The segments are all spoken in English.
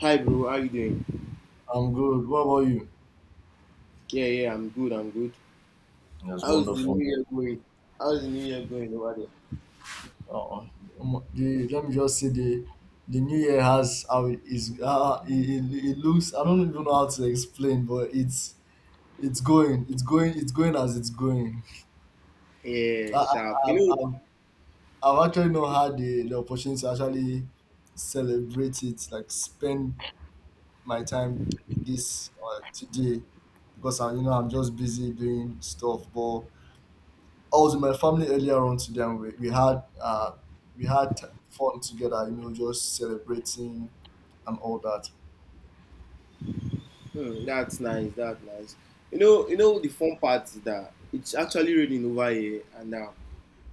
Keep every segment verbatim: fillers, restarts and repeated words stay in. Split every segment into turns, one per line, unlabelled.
Hi bro, how you doing?
I'm good. What about you?
Yeah, yeah, I'm good, I'm good.
That's
How's the
wonderful.
new year going? How's the new year going over there?
Oh, Um, The, let me just say the the new year has how it is. Uh, it, it, it looks. I don't even know how to explain, but it's it's going. It's going. It's going as it's going.
Yeah,
I,
sharp.
I've,
You
I've I've actually not had the, the opportunity to actually celebrate it, like spend my time this uh, today, because I you know I'm just busy doing stuff, but. I was with my family earlier on today, and we, we had uh, we had t- fun together. You know, just celebrating and all that.
know, hmm, that's nice, that's nice. You know, you know the fun part is that it's actually raining over here and now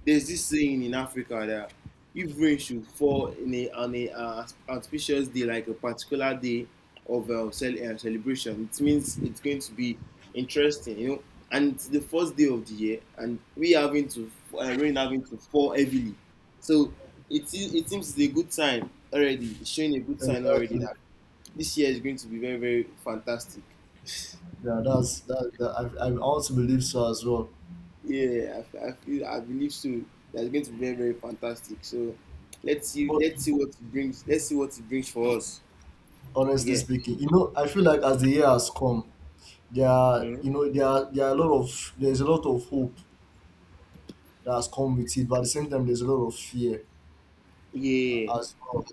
there's this saying in Africa that if rain should fall in a, on a uh, auspicious day, like a particular day of uh, cel- uh, celebration, it means it's going to be interesting, you know. And it's the first day of the year, and we having to uh, rain having to fall heavily, so it se- it seems it's a good sign already. It's showing a good sign already
Exactly.
that this year is going to be very very fantastic.
Yeah, that's that. That I I also believe so as well.
Yeah, I, I feel I believe so. That's going to be very very fantastic. So let's see
But
let's see what it brings. Let's see what it brings for us.
honestly
Yeah.
speaking, you know, I feel like as the year has come, there are
Mm.
you know there are there are a lot of there's a lot of hope that has come with it, but at the same time, there's a lot of fear
Yeah.
as well.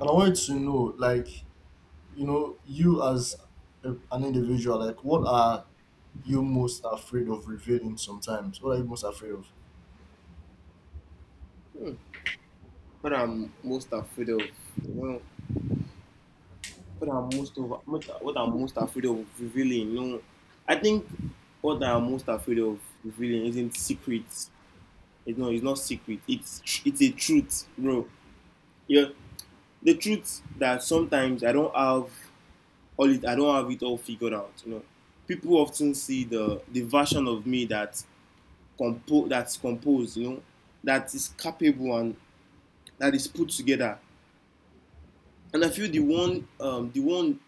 And I wanted to know, like, you know you as a, an individual, like what are you most afraid of revealing? Sometimes what are you most afraid of?
Hmm. What I'm most afraid of. Well, what I'm most over. What what I'm most afraid of revealing. No, I think what I'm most afraid of revealing isn't secrets. It's not. It's not secret. It's it's a truth, bro. Yeah, the truth that sometimes I don't have all it, I don't have it all figured out. You know, people often see the the version of me that compo- that's composed, you know, that is capable and that is put together. And I feel the one um, the one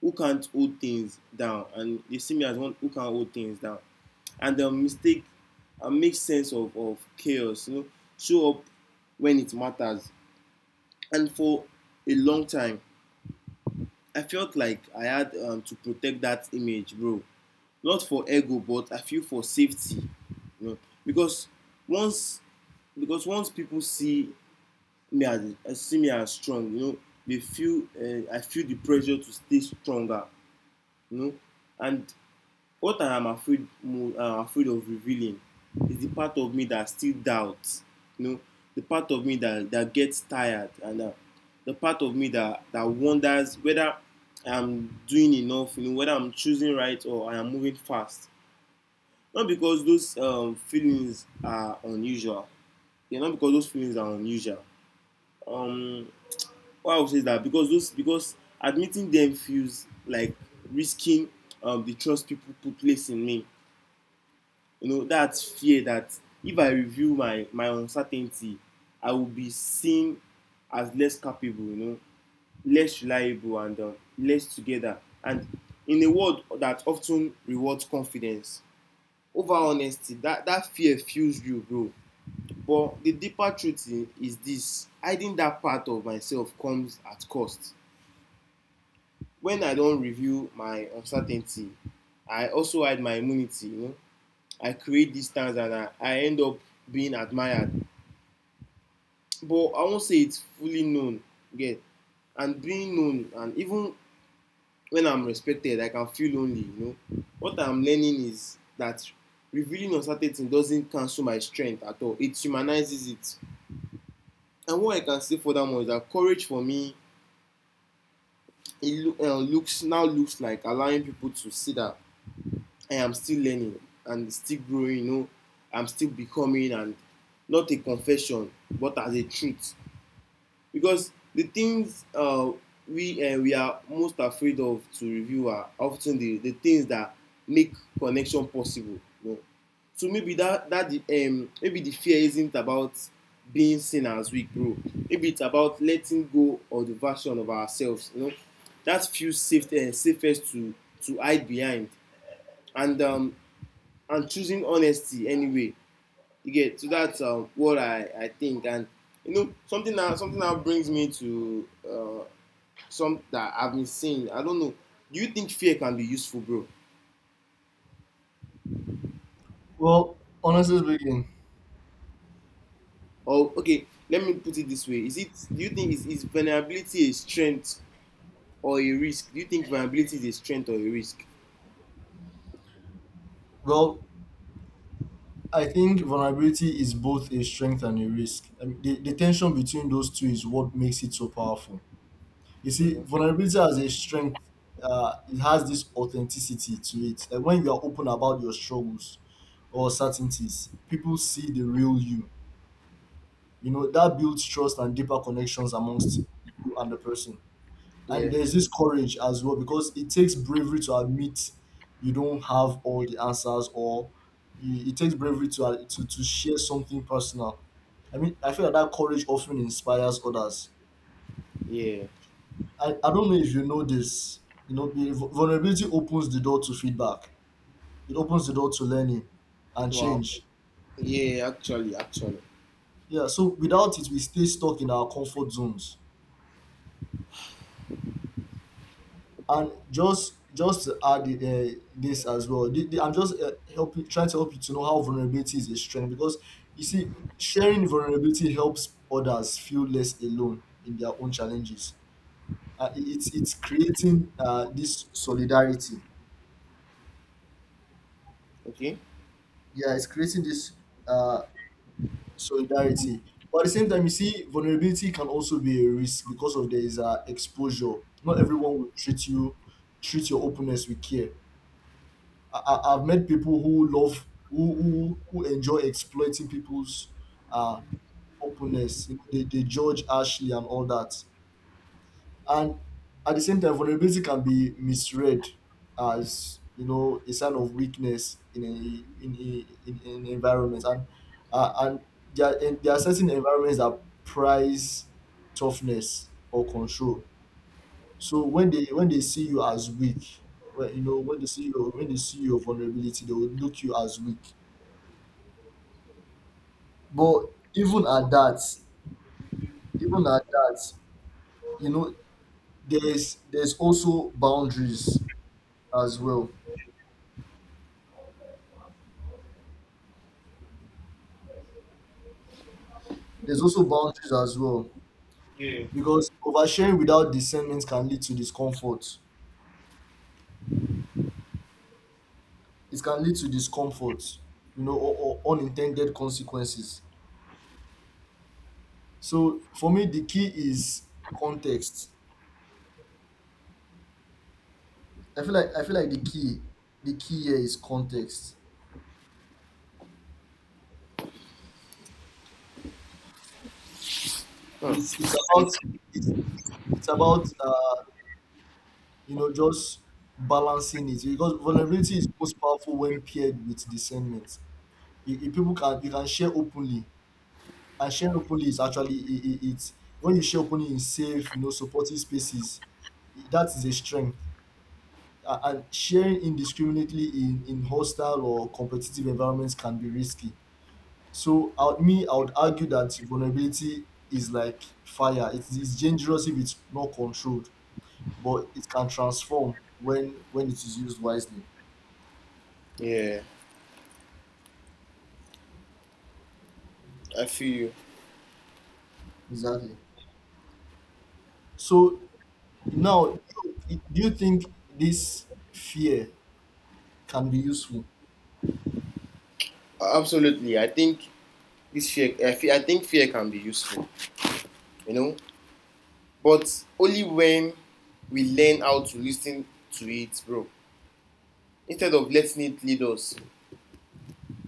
who can't hold things down, and they see me as one who can hold things down. And the mistake and uh, make sense of, of chaos, you know, show up when it matters. And for a long time, I felt like I had um, to protect that image, bro. Not for ego, but I feel for safety, you know, because once because once people see me as see me as strong, you know, they feel uh, I feel the pressure to stay stronger, you know. And what I am afraid mo uh, afraid of revealing is the part of me that still doubts, you know, the part of me that that gets tired and uh, the part of me that that wonders whether I am doing enough, you know, whether I am choosing right or I am moving fast. Not because those um, feelings are unusual. Yeah, not because those feelings are unusual. Um, why I would say is that because those because admitting them feels like risking um, the trust people put place in me. You know that fear that if I reveal my my uncertainty, I will be seen as less capable. You know, less reliable and um, less together. And in a world that often rewards confidence over honesty, that that fear fuels you, bro. But the deeper truth is this: hiding that part of myself comes at cost. When I don't reveal my uncertainty, I also hide my immunity, you know. I create distance and I, I end up being admired. But I won't say it's fully known. Yeah. And being known, and even when I'm respected, I can feel lonely, you know. What I'm learning is that revealing uncertainty doesn't cancel my strength at all. It humanizes it. And what I can say for that one is that courage for me it loo- uh, looks now looks like allowing people to see that I am still learning and still growing. You know, I'm still becoming, and not a confession, but as a truth, because the things uh, we uh, we are most afraid of to review are often the the things that make connection possible, you know? So maybe that that the um, maybe the fear isn't about being seen as weak, bro. Maybe it's about letting go of the version of ourselves, you know, that feels safe uh, safest to to hide behind, and um, and choosing honesty anyway, you get. So that's um, what I, I think, and you know something that something that brings me to uh, some that I've been seeing. I don't know. Do you think fear can be useful, bro?
Well,
Or
honestly speaking,
or okay, let me put it this way: Is it? Do you think is, is vulnerability a strength or a risk? Do you think vulnerability is a strength or a risk?
well, I think vulnerability is both a strength and a risk. I mean, the, the tension between those two is what makes it so powerful. You see,
Okay.
vulnerability as a strength, uh, it has this authenticity to it, like when you are open about your struggles or certainties, people see the real you. You know, that builds trust and deeper connections amongst you and the person.
Yeah,
And there's this courage as well, because it takes bravery to admit you don't have all the answers, or you- it takes bravery to, uh, to to share something personal. I mean, I feel that that courage often inspires others.
yeah.
i, I don't know if you know this. You know, the vu- vulnerability opens the door to feedback, it opens the door to learning and
Wow.
change.
Yeah, actually, actually.
Yeah, so without it we stay stuck in our comfort zones. And just just to add uh, this as well, the, the, I'm just uh, helping, trying to help you to know how vulnerability is a strength. Because, you see, sharing vulnerability helps others feel less alone in their own challenges. Uh, it- it's it's creating uh, this solidarity.
Okay.
Yeah, it's creating this uh, solidarity. But at the same time, you see, vulnerability can also be a risk, because of there is uh, exposure. Not everyone will treat you, treat your openness with care. I, I- I've met people who love who who, who enjoy exploiting people's uh openness. You know, they, they judge harshly and all that. And at the same time, vulnerability can be misread as, you know, a sign of weakness in a in a, in, in environment. And uh, and there are, and there are certain environments that prize toughness or control. So when they when they see you as weak, well, you know, when they see your when they see your vulnerability, they will look you as weak. But even at that, even at that, you know, there's there's also boundaries as well. There's also boundaries as well, because oversharing without discernment can lead to discomfort. It can lead to discomfort, you know, or, or unintended consequences. So for me, the key is context. I feel like I feel like the key the key here is context. It's
Huh.
it's about it's, it's about, uh, you know, just balancing it, because vulnerability is most powerful when paired with discernment. You, you people can you can share openly, and sharing openly is actually, it, it, it's when you share openly in safe, you know, supportive spaces, that is a strength. A- And sharing indiscriminately in, in hostile or competitive environments can be risky. So, I me, I would argue that vulnerability is like fire. It is dangerous if it's not controlled, but it can transform when when it is used wisely.
Yeah, I feel you.
Exactly. So now, do you, do you think this fear can be useful?
Absolutely. I think this fear. I, feel, I think fear can be useful, you know, but only when we learn how to listen to it, bro, instead of letting it lead us.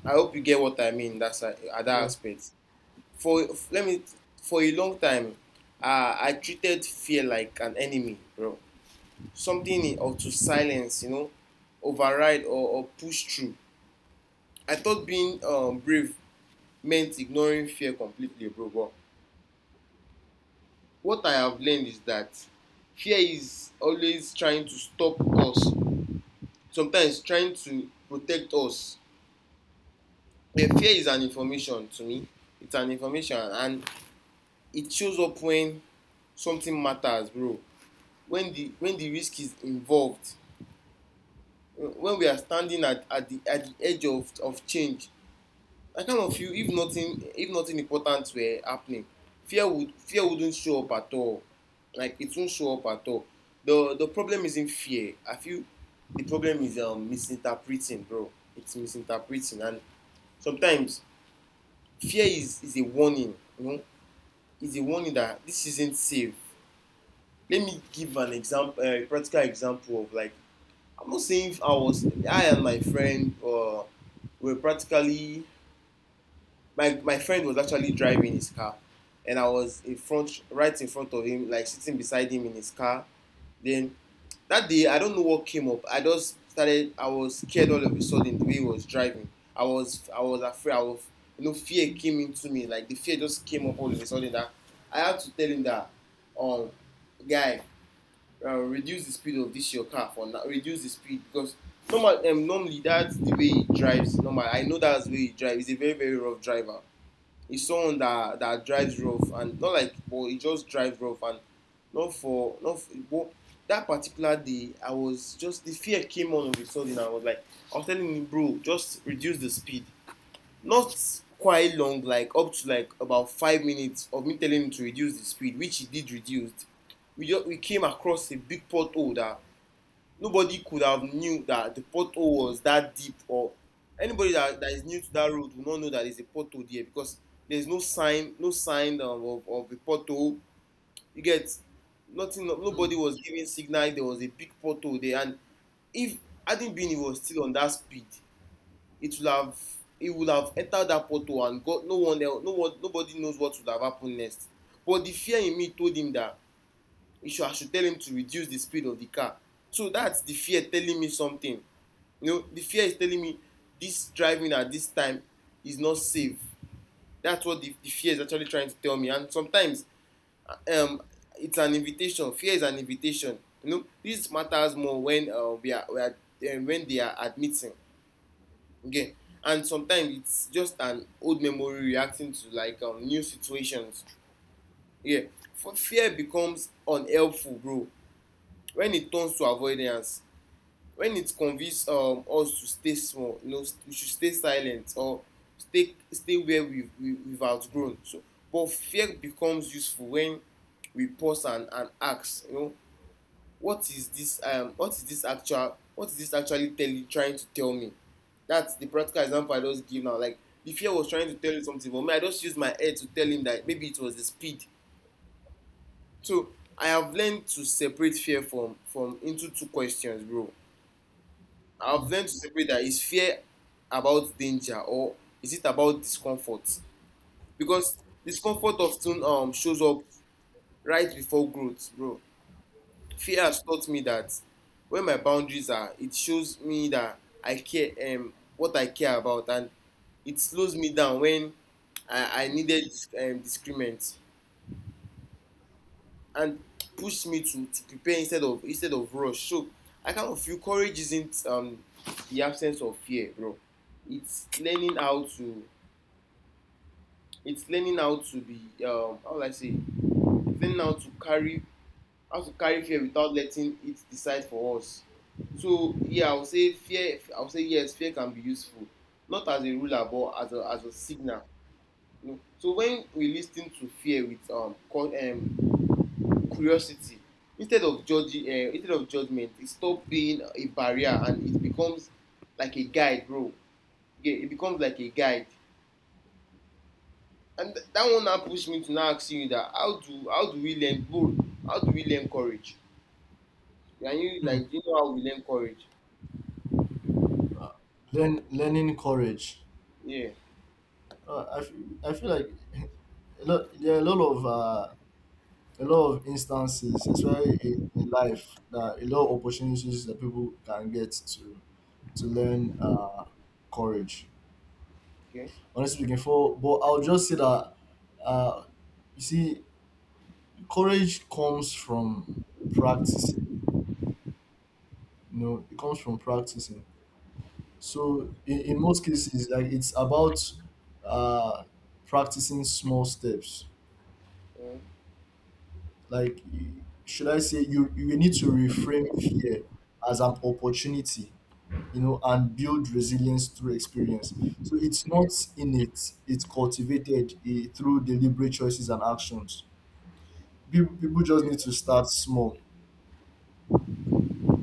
I hope you get what I mean, that's uh, at that
Yeah.
aspect. For let me For a long time, uh, I treated fear like an enemy, bro, something in- or to silence, you know, override or, or push through. I thought being um, brave meant ignoring fear completely, bro. But what I have learned is that fear is always trying to stop us, sometimes trying to protect us. The fear is an information to me. It's an information, and it shows up when something matters, bro. When the when the risk is involved, when we are standing at, at the at the edge of, of change, I kind of feel if nothing if nothing important were happening, fear would fear wouldn't show up at all. Like it won't show up at all. The the problem isn't fear. I feel the problem is um, misinterpreting, bro. It's misinterpreting, and sometimes fear is is a warning, you know. It's a warning that this isn't safe. Let me give an example, a practical example, of like, I'm not saying if I was I and my friend uh, were practically, my my friend was actually driving his car, and I was in front, right in front of him, like sitting beside him in his car. Then that day I don't know what came up. I just started. I was scared all of a sudden the way he was driving. I was I was afraid. I was, you know, fear came into me. Like the fear just came up all of a sudden. That I had to tell him that, um, guy, uh, reduce the speed of this your car for now. Reduce the speed because normal um, normally that's the way he drives. Normal I know that's the way he drives. He's a very very rough driver. He's someone that that drives rough and not like, but he just drives rough, and not for not for, but that particular day I was just the fear came on all of a sudden. I was like I was telling him, bro, just reduce the speed, not quite long, like up to like about five minutes of me telling him to reduce the speed, which he did reduce. We just we came across a big pothole that nobody could have knew that the pothole was that deep, or anybody that, that is new to that road will not know that there's a pothole there, because there's no sign no sign of, of, of a pothole, you get. Nothing. no-
Mm,
Nobody was giving signal. There was a big pothole there, and if hadn't been he was still on that speed, it would have, he would have entered that pothole, and got no one else, no one, nobody knows what would have happened next. But the fear in me told him that he should, I should tell him to reduce the speed of the car. So that's the fear telling me something. You know, the fear is telling me this driving at this time is not safe. That's what the, the fear is actually trying to tell me. And sometimes um, it's an invitation. Fear is an invitation. You know, this matters more when uh, we are, we are um, when they are admitting. Okay. And sometimes it's just an old memory reacting to like um, new situations. Yeah. For fear becomes unhelpful, bro, when it turns to avoidance, when it convinces um, us to stay small, you know, we should stay silent, or stay stay where we we we've outgrown. So but fear becomes useful when we pause and and ask, you know, what is this um what is this actual what is this actually telling trying to tell me. That's the practical example I just give now, like the fear was trying to tell you something, but me I just use my head to tell him that maybe it was the speed. So I have learned to separate fear from from into two questions, bro. I've
mm,
learned to separate, that is fear about danger or is it about discomfort? Because discomfort often um, shows up right before growth, bro. Fear has taught me that when my boundaries are, it shows me that I care um, what I care about, and it slows me down when I, I needed um, discernment. And push me to to prepare instead of instead of rush. So I kind of feel courage isn't, um, the absence of fear, bro. it's learning how to it's learning how to be, um, how will I say it's learning how to carry how to carry fear without letting it decide for us. So yeah, I would say fear, I would say yes, fear can be useful, not as a ruler but as a as a signal, you know. So when we listen to fear with um, cau- um curiosity instead of judging, uh, instead of judgment, it stop being a barrier and it becomes like a guide, bro. Yeah, it becomes like a guide. And th- that one now pushed me to now asking you that, how do how do we learn, bro? How do we learn courage? Can you, like,
mm.
do you know how we learn courage?
Learn, learning courage.
Yeah.
Uh, I, f- I feel like a lot, there are a lot of uh, a lot of instances, especially in, in life, that a lot of opportunities that people can get to to learn uh, courage.
Okay.
Honestly speaking, for but I'll just say that, uh, you see, courage comes from practicing. You know, it comes from practicing. So in, in most cases, like it's about, uh, practicing small steps.
Yeah,
Like y- should I say, you you need to reframe fear as an opportunity, you know, and build resilience through experience. So it's not in it; it's cultivated, eh, through deliberate choices and actions. People, people just need to start small.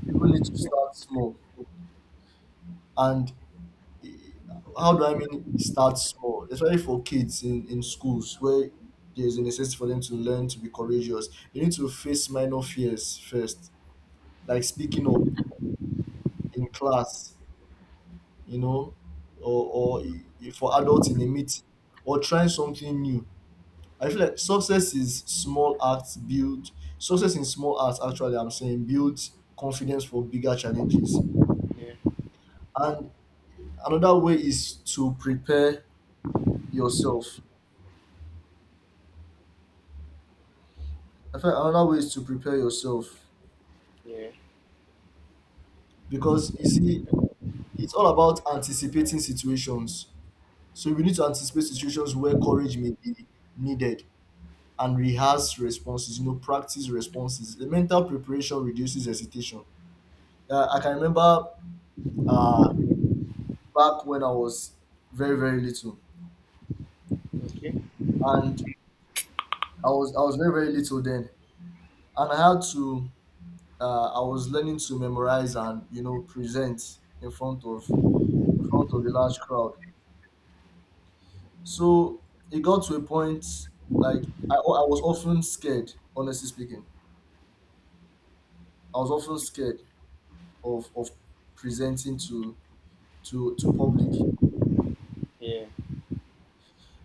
People need to start small. And, eh, how do I mean start small? Especially for kids in, in schools where there's a necessity for them to learn to be courageous. They need to face minor fears first, like speaking up in class, you know, or, or eh, for adults in a meeting, or trying something new. I feel like success is small acts build Success in small acts, actually, I'm saying, builds confidence for bigger challenges.
yeah,
And another way is to prepare yourself. I feel like another way is to prepare yourself,
yeah,
because you see, it's all about anticipating situations. So we need to anticipate situations where courage may be needed, and rehearse responses, you know, practice responses. The mental preparation reduces hesitation. Uh, I can remember, uh, back when I was very very little,
yeah. Okay.
and I was I was very very little then, and I had to, uh, I was learning to memorize and, you know, present in front of, in front of a large crowd. So it got to a point, like, I, I was often scared, honestly speaking. I was often scared of of presenting to to to public,
Yeah,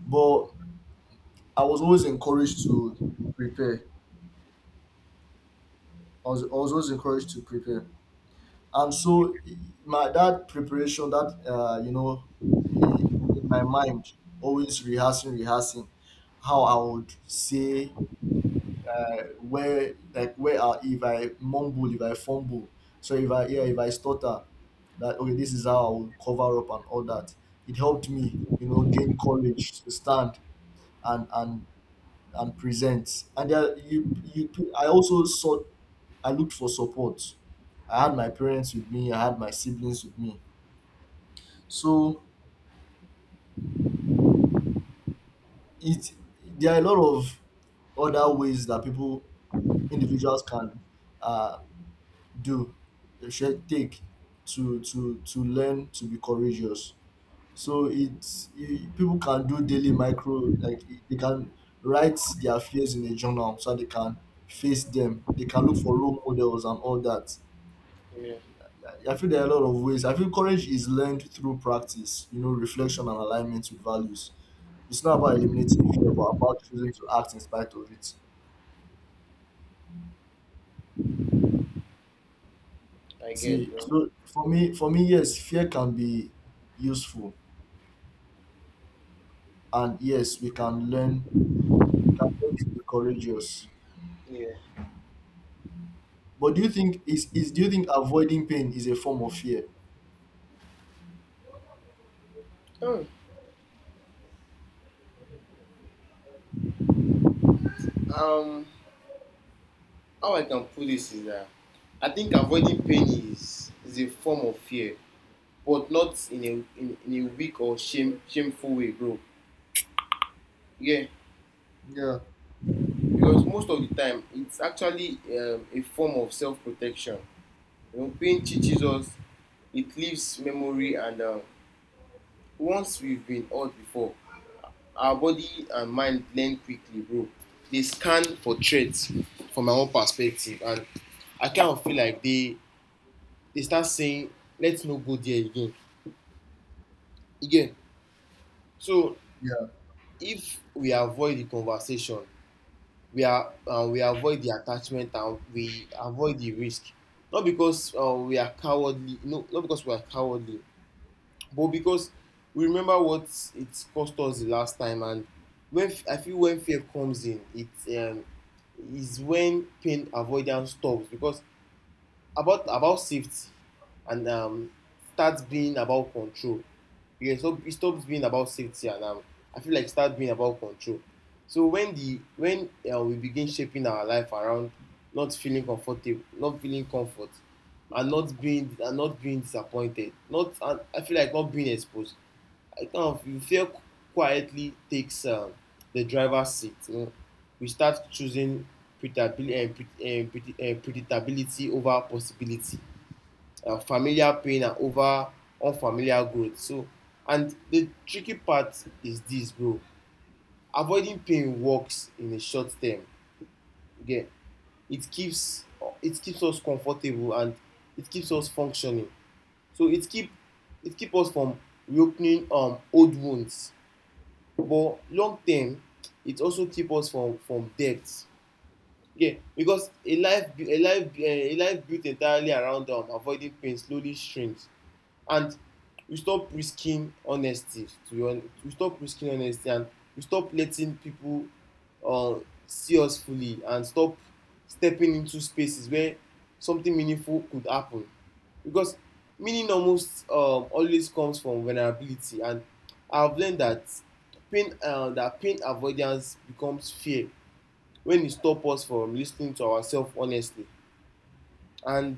but I was always encouraged to prepare. I was, I was always encouraged to prepare. And so my that preparation, that, uh, you know, in, in my mind always rehearsing rehearsing, how I would say, uh, where like where I, if I mumble, if I fumble, so if I, yeah, if I stutter, that okay, this is how I will cover up and all that. It helped me, you know, gain courage to stand and and and present. And there, you you, I also sought, I looked for support. I had my parents with me, I had my siblings with me. So it, there are a lot of other ways that people, individuals can, uh, do they should take to to to learn to be courageous. So it's, you, people can do daily micro, like they can write their fears in a journal, so they can face them. They can look for role models and all that.
yeah.
I feel there are a lot of ways. I feel courage is learned through practice, you know, reflection and alignment with values. It's not about eliminating fear, but about choosing to act in spite of it.
I get,
See,
bro.
so for me, for me, yes, fear can be useful, and yes, we can learn. We can learn to be courageous.
Yeah.
But do you think is is do you think avoiding pain is a form of fear?
Oh. um how I can put this is that I think avoiding pain is is a form of fear, but not in a in, in a weak or shame shameful way, bro. Yeah.
Yeah.
Because most of the time it's actually, um, a form of self-protection. You know, pain teaches us, it leaves memory and, um, once we've been hurt before, our body and mind learn quickly, bro. They scan for threats from my own perspective. And I kind of feel like they they start saying, "Let's no go there again." Again. So if we avoid the conversation, we are uh, we avoid the attachment and we avoid the risk. Not because, uh, we are cowardly, no, not because we are cowardly, but because we remember what it cost us the last time. And when I feel when fear comes in, it um, is when pain avoidance stops because about about safety and, um, starts being about control. Yeah, so it stops being about safety and, um, I feel like it starts being about control. So when the when uh, we begin shaping our life around not feeling comfortable, not feeling comfort, and not being and not being disappointed, not and I feel like not being exposed. I kind of you feel quietly takes, um, the driver's seat, you know? We start choosing predictability, uh, pre- uh, predi- uh, predictability over possibility, uh, familiar pain and over unfamiliar growth. So, and the tricky part is this, bro. Avoiding pain works in the short term. Okay, it keeps it keeps us comfortable and it keeps us functioning. So it keep it keep us from reopening um old wounds. But long term, it also keep us from from debt. Yeah, because a life bu- a life bu- eh, a life built entirely around, um, avoiding pain slowly shrinks. And we stop risking honesty to be hon we stop risking honesty and we stop letting people, uh, see us fully and stop stepping into spaces where something meaningful could happen, because meaning almost, um, always comes from vulnerability. And I've learned that pain uh, that pain avoidance becomes fear when it stops us from listening to ourselves honestly, and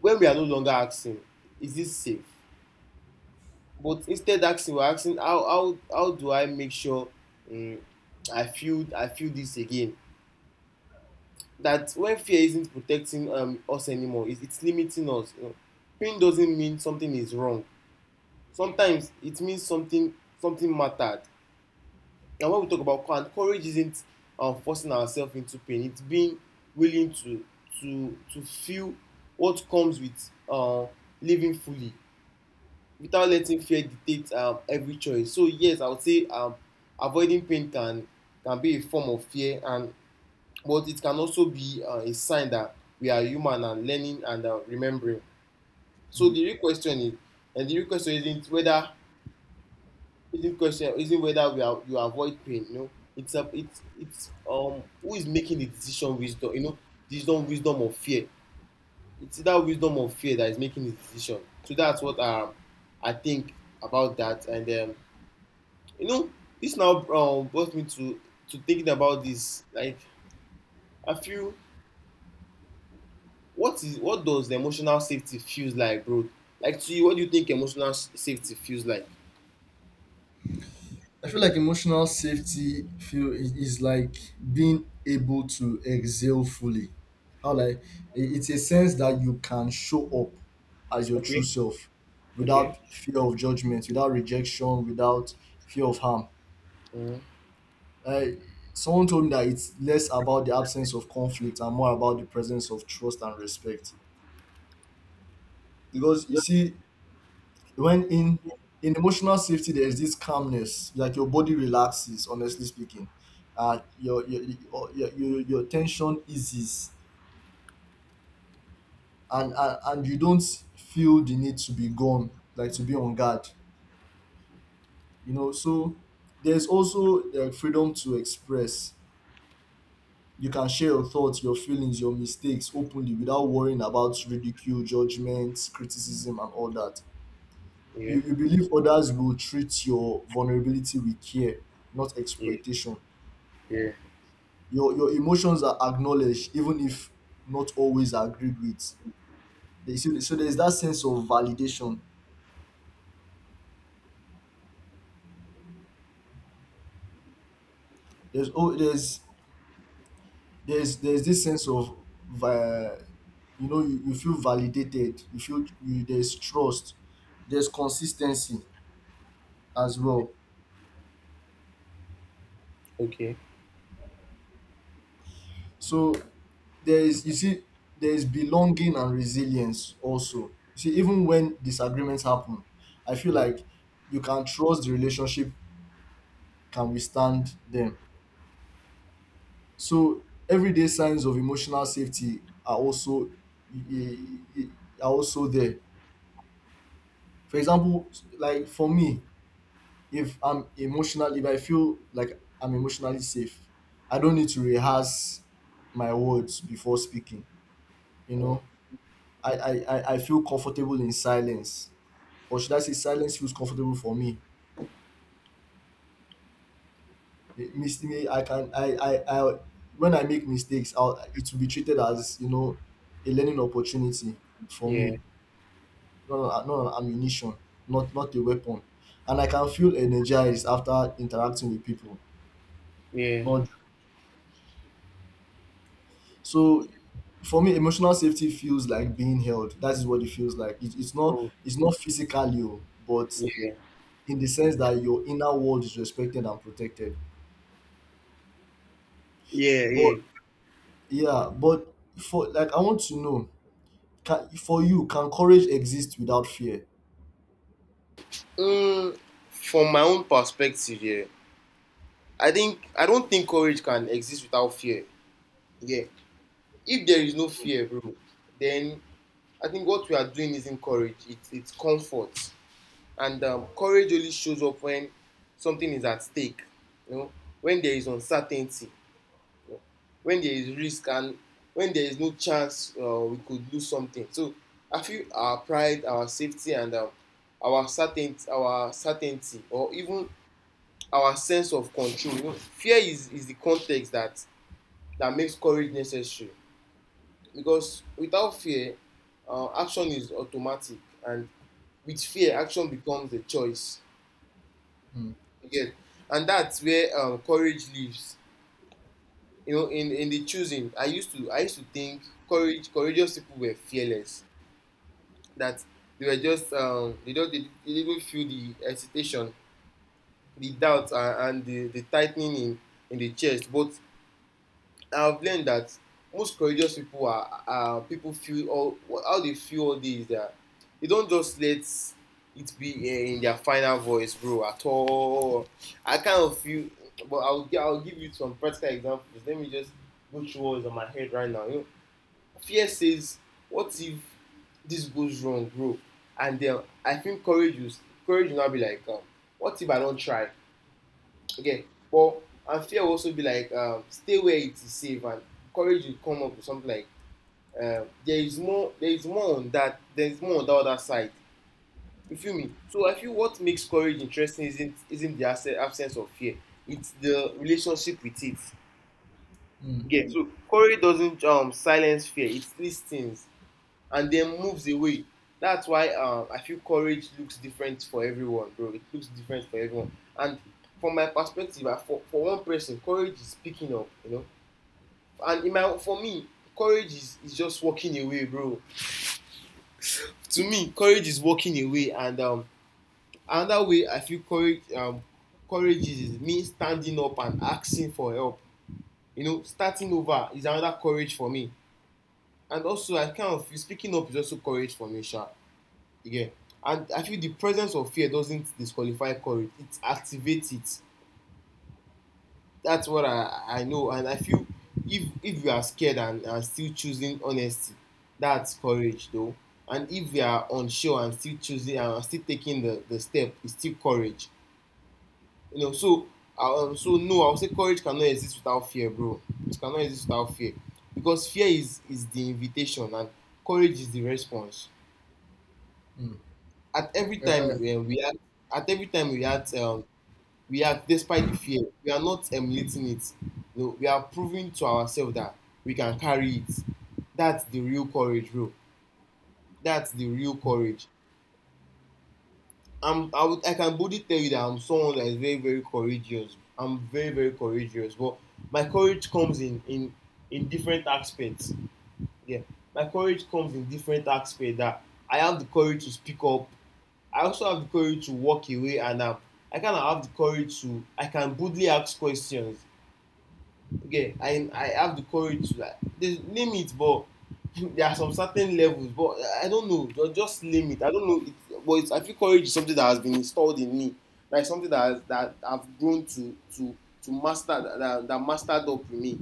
when we are no longer asking, "Is this safe?" But instead asking, we're asking, how how how do I make sure, um, I feel I feel this again? That when fear isn't protecting, um, us anymore, it, it's limiting us, you know? Pain doesn't mean something is wrong. Sometimes it means something something mattered. And when we talk about courage, courage isn't, um, forcing ourselves into pain. It's being willing to to to feel what comes with, uh, living fully, without letting fear dictate, um, every choice. So yes, I would say, um, avoiding pain can can be a form of fear, and but it can also be, uh, a sign that we are human and learning and, uh, remembering. So the real question is, and the real question isn't whether isn't question isn't whether we are you avoid pain. You know, it's a it's it's, um who is making the decision, wisdom. You know, wisdom wisdom of fear. It's that wisdom of fear that is making the decision. So that's what, um, I think about that. And, um, you know, this now, um, brought me to to thinking about this. Like, I feel what is what does the emotional safety feels like, bro? Like to you, what do you think emotional s- safety feels like?
I feel like emotional safety feel i- is like being able to exhale fully. How, like, i- it's a sense that you can show up as your true
Okay.
self,
Okay.
without fear of judgment, without rejection, without fear of harm.
Mm.
Uh, someone told me that it's less about the absence of conflict and more about the presence of trust and respect. Because you see, when in in emotional safety, there is this calmness, like your body relaxes, honestly speaking. Uh your your your your, your tension eases, and, and and you don't feel the need to be gone, like to be on guard, you know. So there's also the freedom to express. You can share your thoughts, your feelings, your mistakes openly without worrying about ridicule, judgment, criticism, and all that.
Yeah.
You, you believe others will treat your vulnerability with care, not
Yeah.
exploitation.
Yeah.
Your your emotions are acknowledged, even if not always agreed with. They- So, so there's that sense of validation. There's oh there's there's there's this sense of, uh, you know, you, you feel validated. You feel you, there's trust. There's consistency as well.
Okay.
So there is, you see, there is belonging and resilience also. You see, even when disagreements happen, I feel
Yeah.
like you can trust the relationship can withstand them. So everyday signs of emotional safety are also are also there. For example, like for me, if I'm emotional, if I feel like I'm emotionally safe, I don't need to rehearse my words before speaking. You
Mm.
know, I, I, I I feel comfortable in silence, or should I say, silence feels comfortable for me. It mis- me- I can I, I, I when I make mistakes, I'll, it will be treated as you know a learning opportunity for
Yeah.
me, not not an ammunition, not not a weapon, and I can feel energized after interacting with people.
Yeah.
Not so, for me, emotional safety feels like being held. That is what it feels like. It, it's not
Oh.
it's not physically, oh, but
Yeah.
in the sense that your inner world is respected and protected.
Yeah.
But
Yeah.
yeah, but for like I want to know, can for you, can courage exist without fear?
Mm, from my own perspective, yeah. I think I don't think courage can exist without fear. Yeah. If there is no fear, bro, then I think what we are doing isn't courage, it's, it's comfort. And, um, courage only shows up when something is at stake, you know, when there is uncertainty, you know, when there is risk, and when there is no chance, uh, we could lose something. So I feel our pride, our safety, and, um, our certainty, our certainty, or even our sense of control. You know, fear is, is the context that, that makes courage necessary. Because without fear, uh, action is automatic, and with fear action becomes a choice.
Mm,
You get? And that's where, um, courage lives, you know, in in the choosing. i used to I used to think courage, courageous people were fearless, that they were just, um, they don't they, they didn't feel the hesitation, the doubt, uh, and the the tightening in in the chest. But I've learned that most courageous people are, are people feel all, how they feel all day is that they don't just let it be, eh, in their final voice, bro, at all. I kind of feel, but I'll I'll give you some practical examples. Let me just go through what is on my head right now. You know, fear says, "What if this goes wrong, bro?" And then I think courage is courage will not be like, um, "What if I don't try?" Again. But and fear will also be like, um, stay where it is safe, and courage will come up with something like, um, there is more, there is more on that, there is more on the other side. You feel me? So I feel what makes courage interesting isn't, isn't the abse- absence of fear; it's the relationship with it.
mm,
Yeah. So courage doesn't, um silence fear; it listens and then moves away. That's why, um, I feel courage looks different for everyone, bro. It looks different for everyone. And from my perspective, uh, for, for one person, courage is picking up, you know. And in my for me, courage is, is just walking away, bro. To me, courage is walking away. And, um, another way I feel courage um, courage is, is me standing up and asking for help. You know, starting over is another courage for me. And also, I kind of feel speaking up is also courage for me, sure. Yeah. And I feel the presence of fear doesn't disqualify courage. It activates it. That's what I, I know. And I feel if if you are scared and are still choosing honesty, that's courage though. And if you are unsure and still choosing and are still taking the, the step, it's still courage. You know, so, um, so no, I would say courage cannot exist without fear, bro. It cannot exist without fear. Because fear is is the invitation, and courage is the response.
mm.
At every
Yeah, I,
time when we act at every time we act, um, we are despite the fear, we are not emulating it. You, we are proving to ourselves that we can carry it. That's the real courage, bro. That's the real courage. I'm I would I can boldly tell you that I'm someone that is very, very courageous. I'm very, very courageous. But my courage comes in in in different aspects. Yeah. My courage comes in different aspects, that I have the courage to speak up, I also have the courage to walk away, and, um, I kind of have the courage to I can boldly ask questions. Okay, I I have the courage to, like, there's limit, but there are some certain levels, but I don't know, just, just limit, I don't know it. But it's, I feel courage is something that has been installed in me, like something that has, that I've grown to to to master, that, that that mastered up in me.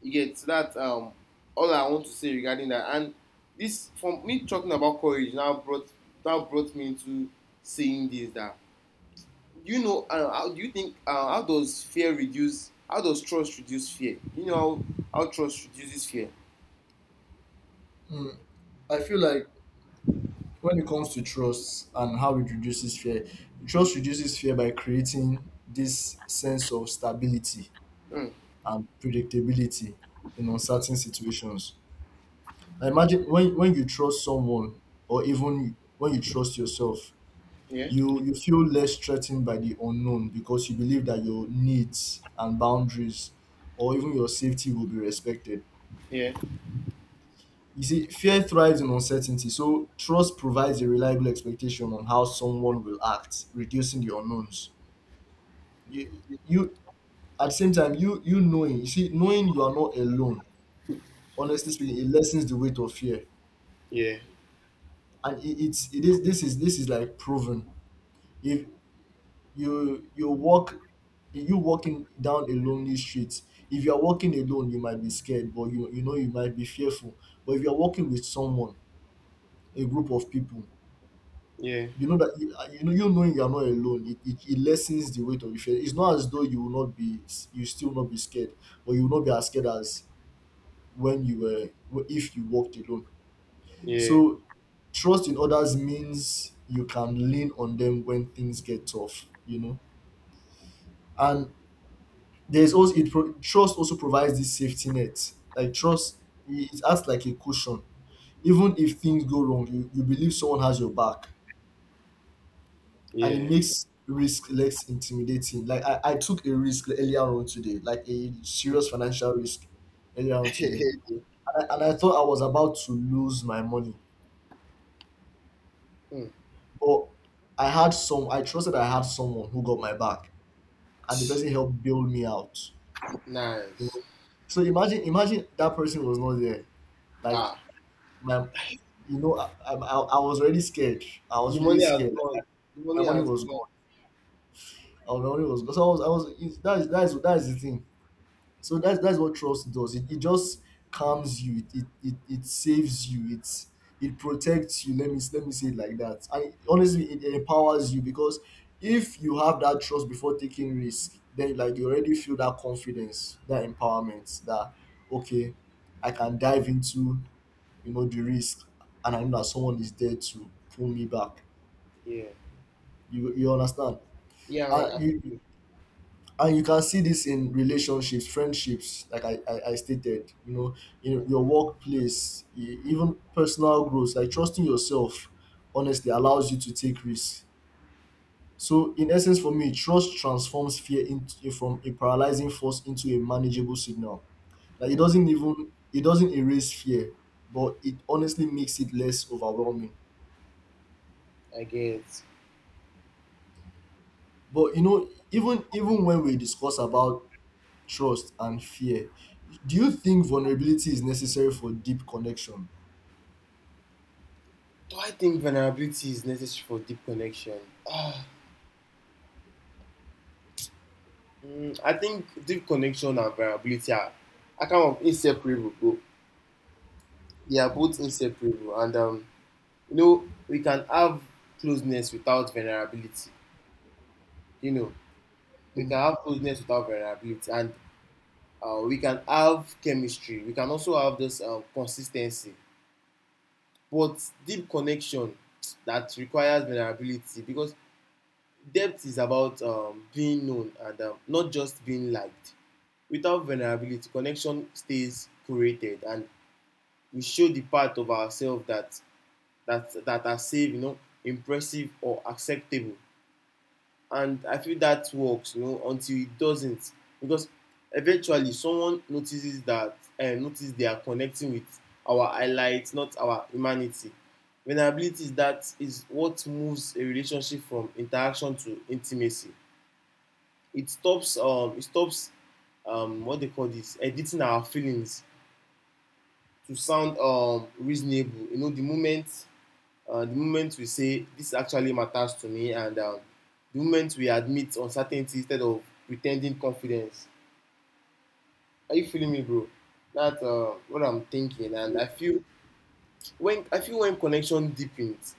You get? So that, um all I want to say regarding that. And this from me talking about courage now brought, now brought me into saying this, that, you know, uh, how do you think uh, how does fear reduce how does trust reduce fear? You know, how, how trust reduces fear.
mm, I feel like when it comes to trust and how it reduces fear,
Mm.
trust reduces fear by creating this sense of stability
Mm.
and predictability in uncertain situations. I imagine when, when you trust someone, or even when you trust yourself,
Yeah.
you you feel less threatened by the unknown, because you believe that your needs and boundaries or even your safety will be respected.
Yeah.
You see, fear thrives in uncertainty, so trust provides a reliable expectation on how someone will act, reducing the unknowns. You, you at the same time, you you knowing, you see, knowing you are not alone, honestly speaking, it lessens the weight of fear,
Yeah,
and it, it's it is this is this is like proven. If you you walk you walking down a lonely street, if you are walking alone you might be scared, but you you know you might be fearful. But if you are walking with someone, a group of people,
yeah,
you know that you, uh, you know you knowing you are not alone, it, it, it lessens the weight of the fear. It's not as though you will not be, you still not be scared, but you will not be as scared as when you were if you walked alone.
yeah,
So trust in others means you can lean on them when things get tough, you know. And there's also, it pro- trust also provides this safety net. Like, trust, it it acts like a cushion. Even if things go wrong, you, you believe someone has your back, and it
yeah.
makes risk less intimidating. Like, I, I took a risk earlier on today, like a serious financial risk earlier on today, and I, and I thought I was about to lose my money,
Mm.
but I had some. I trusted I had someone who got my back, and the person helped bail me out. You
Nice.
know, so imagine imagine that person was not there. Like,
Ah,
my... You know, I, I, I was already scared. I
the
was really
money has
scared.
gone. The
My
money
money
has
was
gone.
gone. Uh, My money was gone. So I was, I was. It's, that is, that is, that is the thing. So that's that's what trust does. It, it just calms you. It, it, it, it saves you. It it protects you. Let me let me say it like that. And honestly, it empowers you because if you have that trust before taking risk, then, like, you already feel that confidence, that empowerment, that, okay, I can dive into, you know, the risk, and I know that someone is there to pull me back.
Yeah,
you you understand?
yeah. I I
And you
feel it.
and you can see this in relationships, friendships, like i i, I stated, you know,
Yeah.
in your workplace, e- even personal growth, like trusting yourself honestly allows you to take risks. So, in essence, for me, trust transforms fear into from a paralyzing force into a manageable signal. Like, it
Yeah,
doesn't even it doesn't erase fear, but it honestly makes it less overwhelming.
I get.
But you know, even even when we discuss about trust and fear, do you think vulnerability is necessary for deep connection?
Do I think vulnerability is necessary for deep connection? Ah, mm, I think deep connection and vulnerability are, are kind of inseparable, bro. They are both inseparable, and um, you know we can have closeness without vulnerability. You know we can
Mm.
have closeness without vulnerability, and uh, we can have chemistry. We can also have this um, consistency, but deep connection that requires vulnerability because depth is about um, being known and um, not just being liked. Without vulnerability, connection stays curated, and we show the part of ourselves that that that are safe, you know, impressive or acceptable. And I feel that works, you know, until it doesn't, because eventually someone notices that and uh, notice they are connecting with our highlights, not our humanity. Vulnerability is that is what moves a relationship from interaction to intimacy. It stops um it stops um what they call this editing our feelings to sound um reasonable. You know, the moment Uh, the moment we say this actually matters to me, and um, the moment we admit uncertainty instead of pretending confidence. Are you feeling me, bro? That's uh, what I'm thinking, and
Yeah.
I feel when I feel when connection deepens,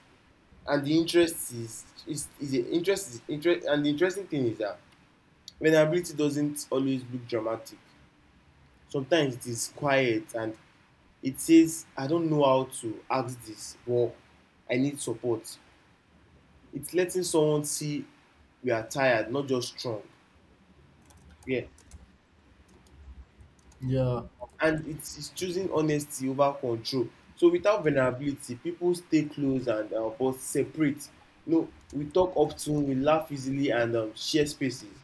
and the interest is is, is a interest is interest, and the interesting thing is that vulnerability doesn't always look dramatic. Sometimes it is quiet, and it says, "I don't know how to ask this, but I need support." It's letting someone see we are tired, not just strong. Yeah.
Yeah.
And it's, it's choosing honesty over control. So without vulnerability, people stay close and uh, but separate. You know, we talk often, we laugh easily, and um, share spaces.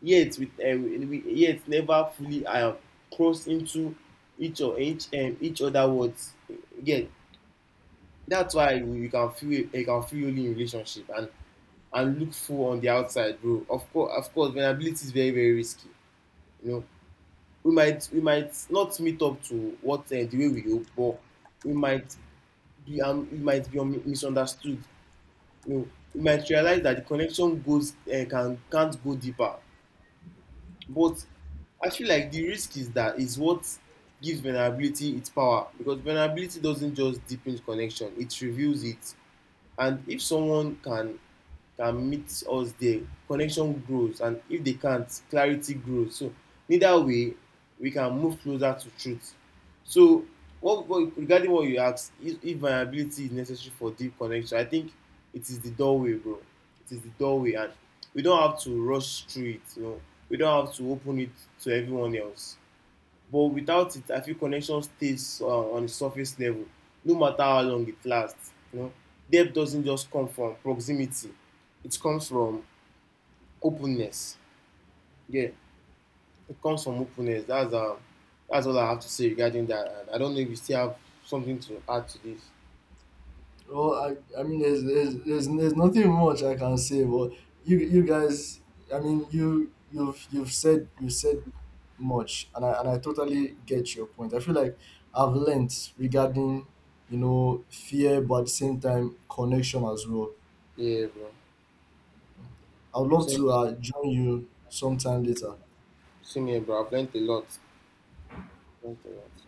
Yet, with um, we yet never fully um, cross into each or each um, each other words. Yeah, that's why you, you can feel you can feel only in relationship and and look full on the outside, bro. Of course, of course, vulnerability is very very risky. You know, we might we might not meet up to what uh, the way we hope, but we might be um, we might be un- misunderstood. You know, we might realize that the connection goes uh, can can't go deeper. But I feel like the risk is that is what gives vulnerability its power because vulnerability doesn't just deepen connection; it reveals it. And if someone can can meet us there, connection grows, and if they can't, clarity grows. So neither way, we can move closer to truth. So what, what regarding what you ask, if, if vulnerability is necessary for deep connection, I think it is the doorway, bro. It is the doorway, and we don't have to rush through it, you know. We don't have to open it to everyone else, but without it I feel connection stays uh, on the surface level no matter how long it lasts, you know. Depth doesn't just come from proximity, it comes from openness. Yeah, it comes from openness. That's um that's all I have to say regarding that, and I don't know if you still have something to add to this.
Well, I, I mean, there's, there's there's there's nothing much I can say, but you you guys, I mean, you you've you've said, you said much, and I and I totally get your point. I feel like I've learnt regarding, you know, fear, but at the same time connection as well.
Yeah, bro.
I'd love
Same,
to uh, join you sometime later.
same here, bro. I've learned a lot, learned a lot.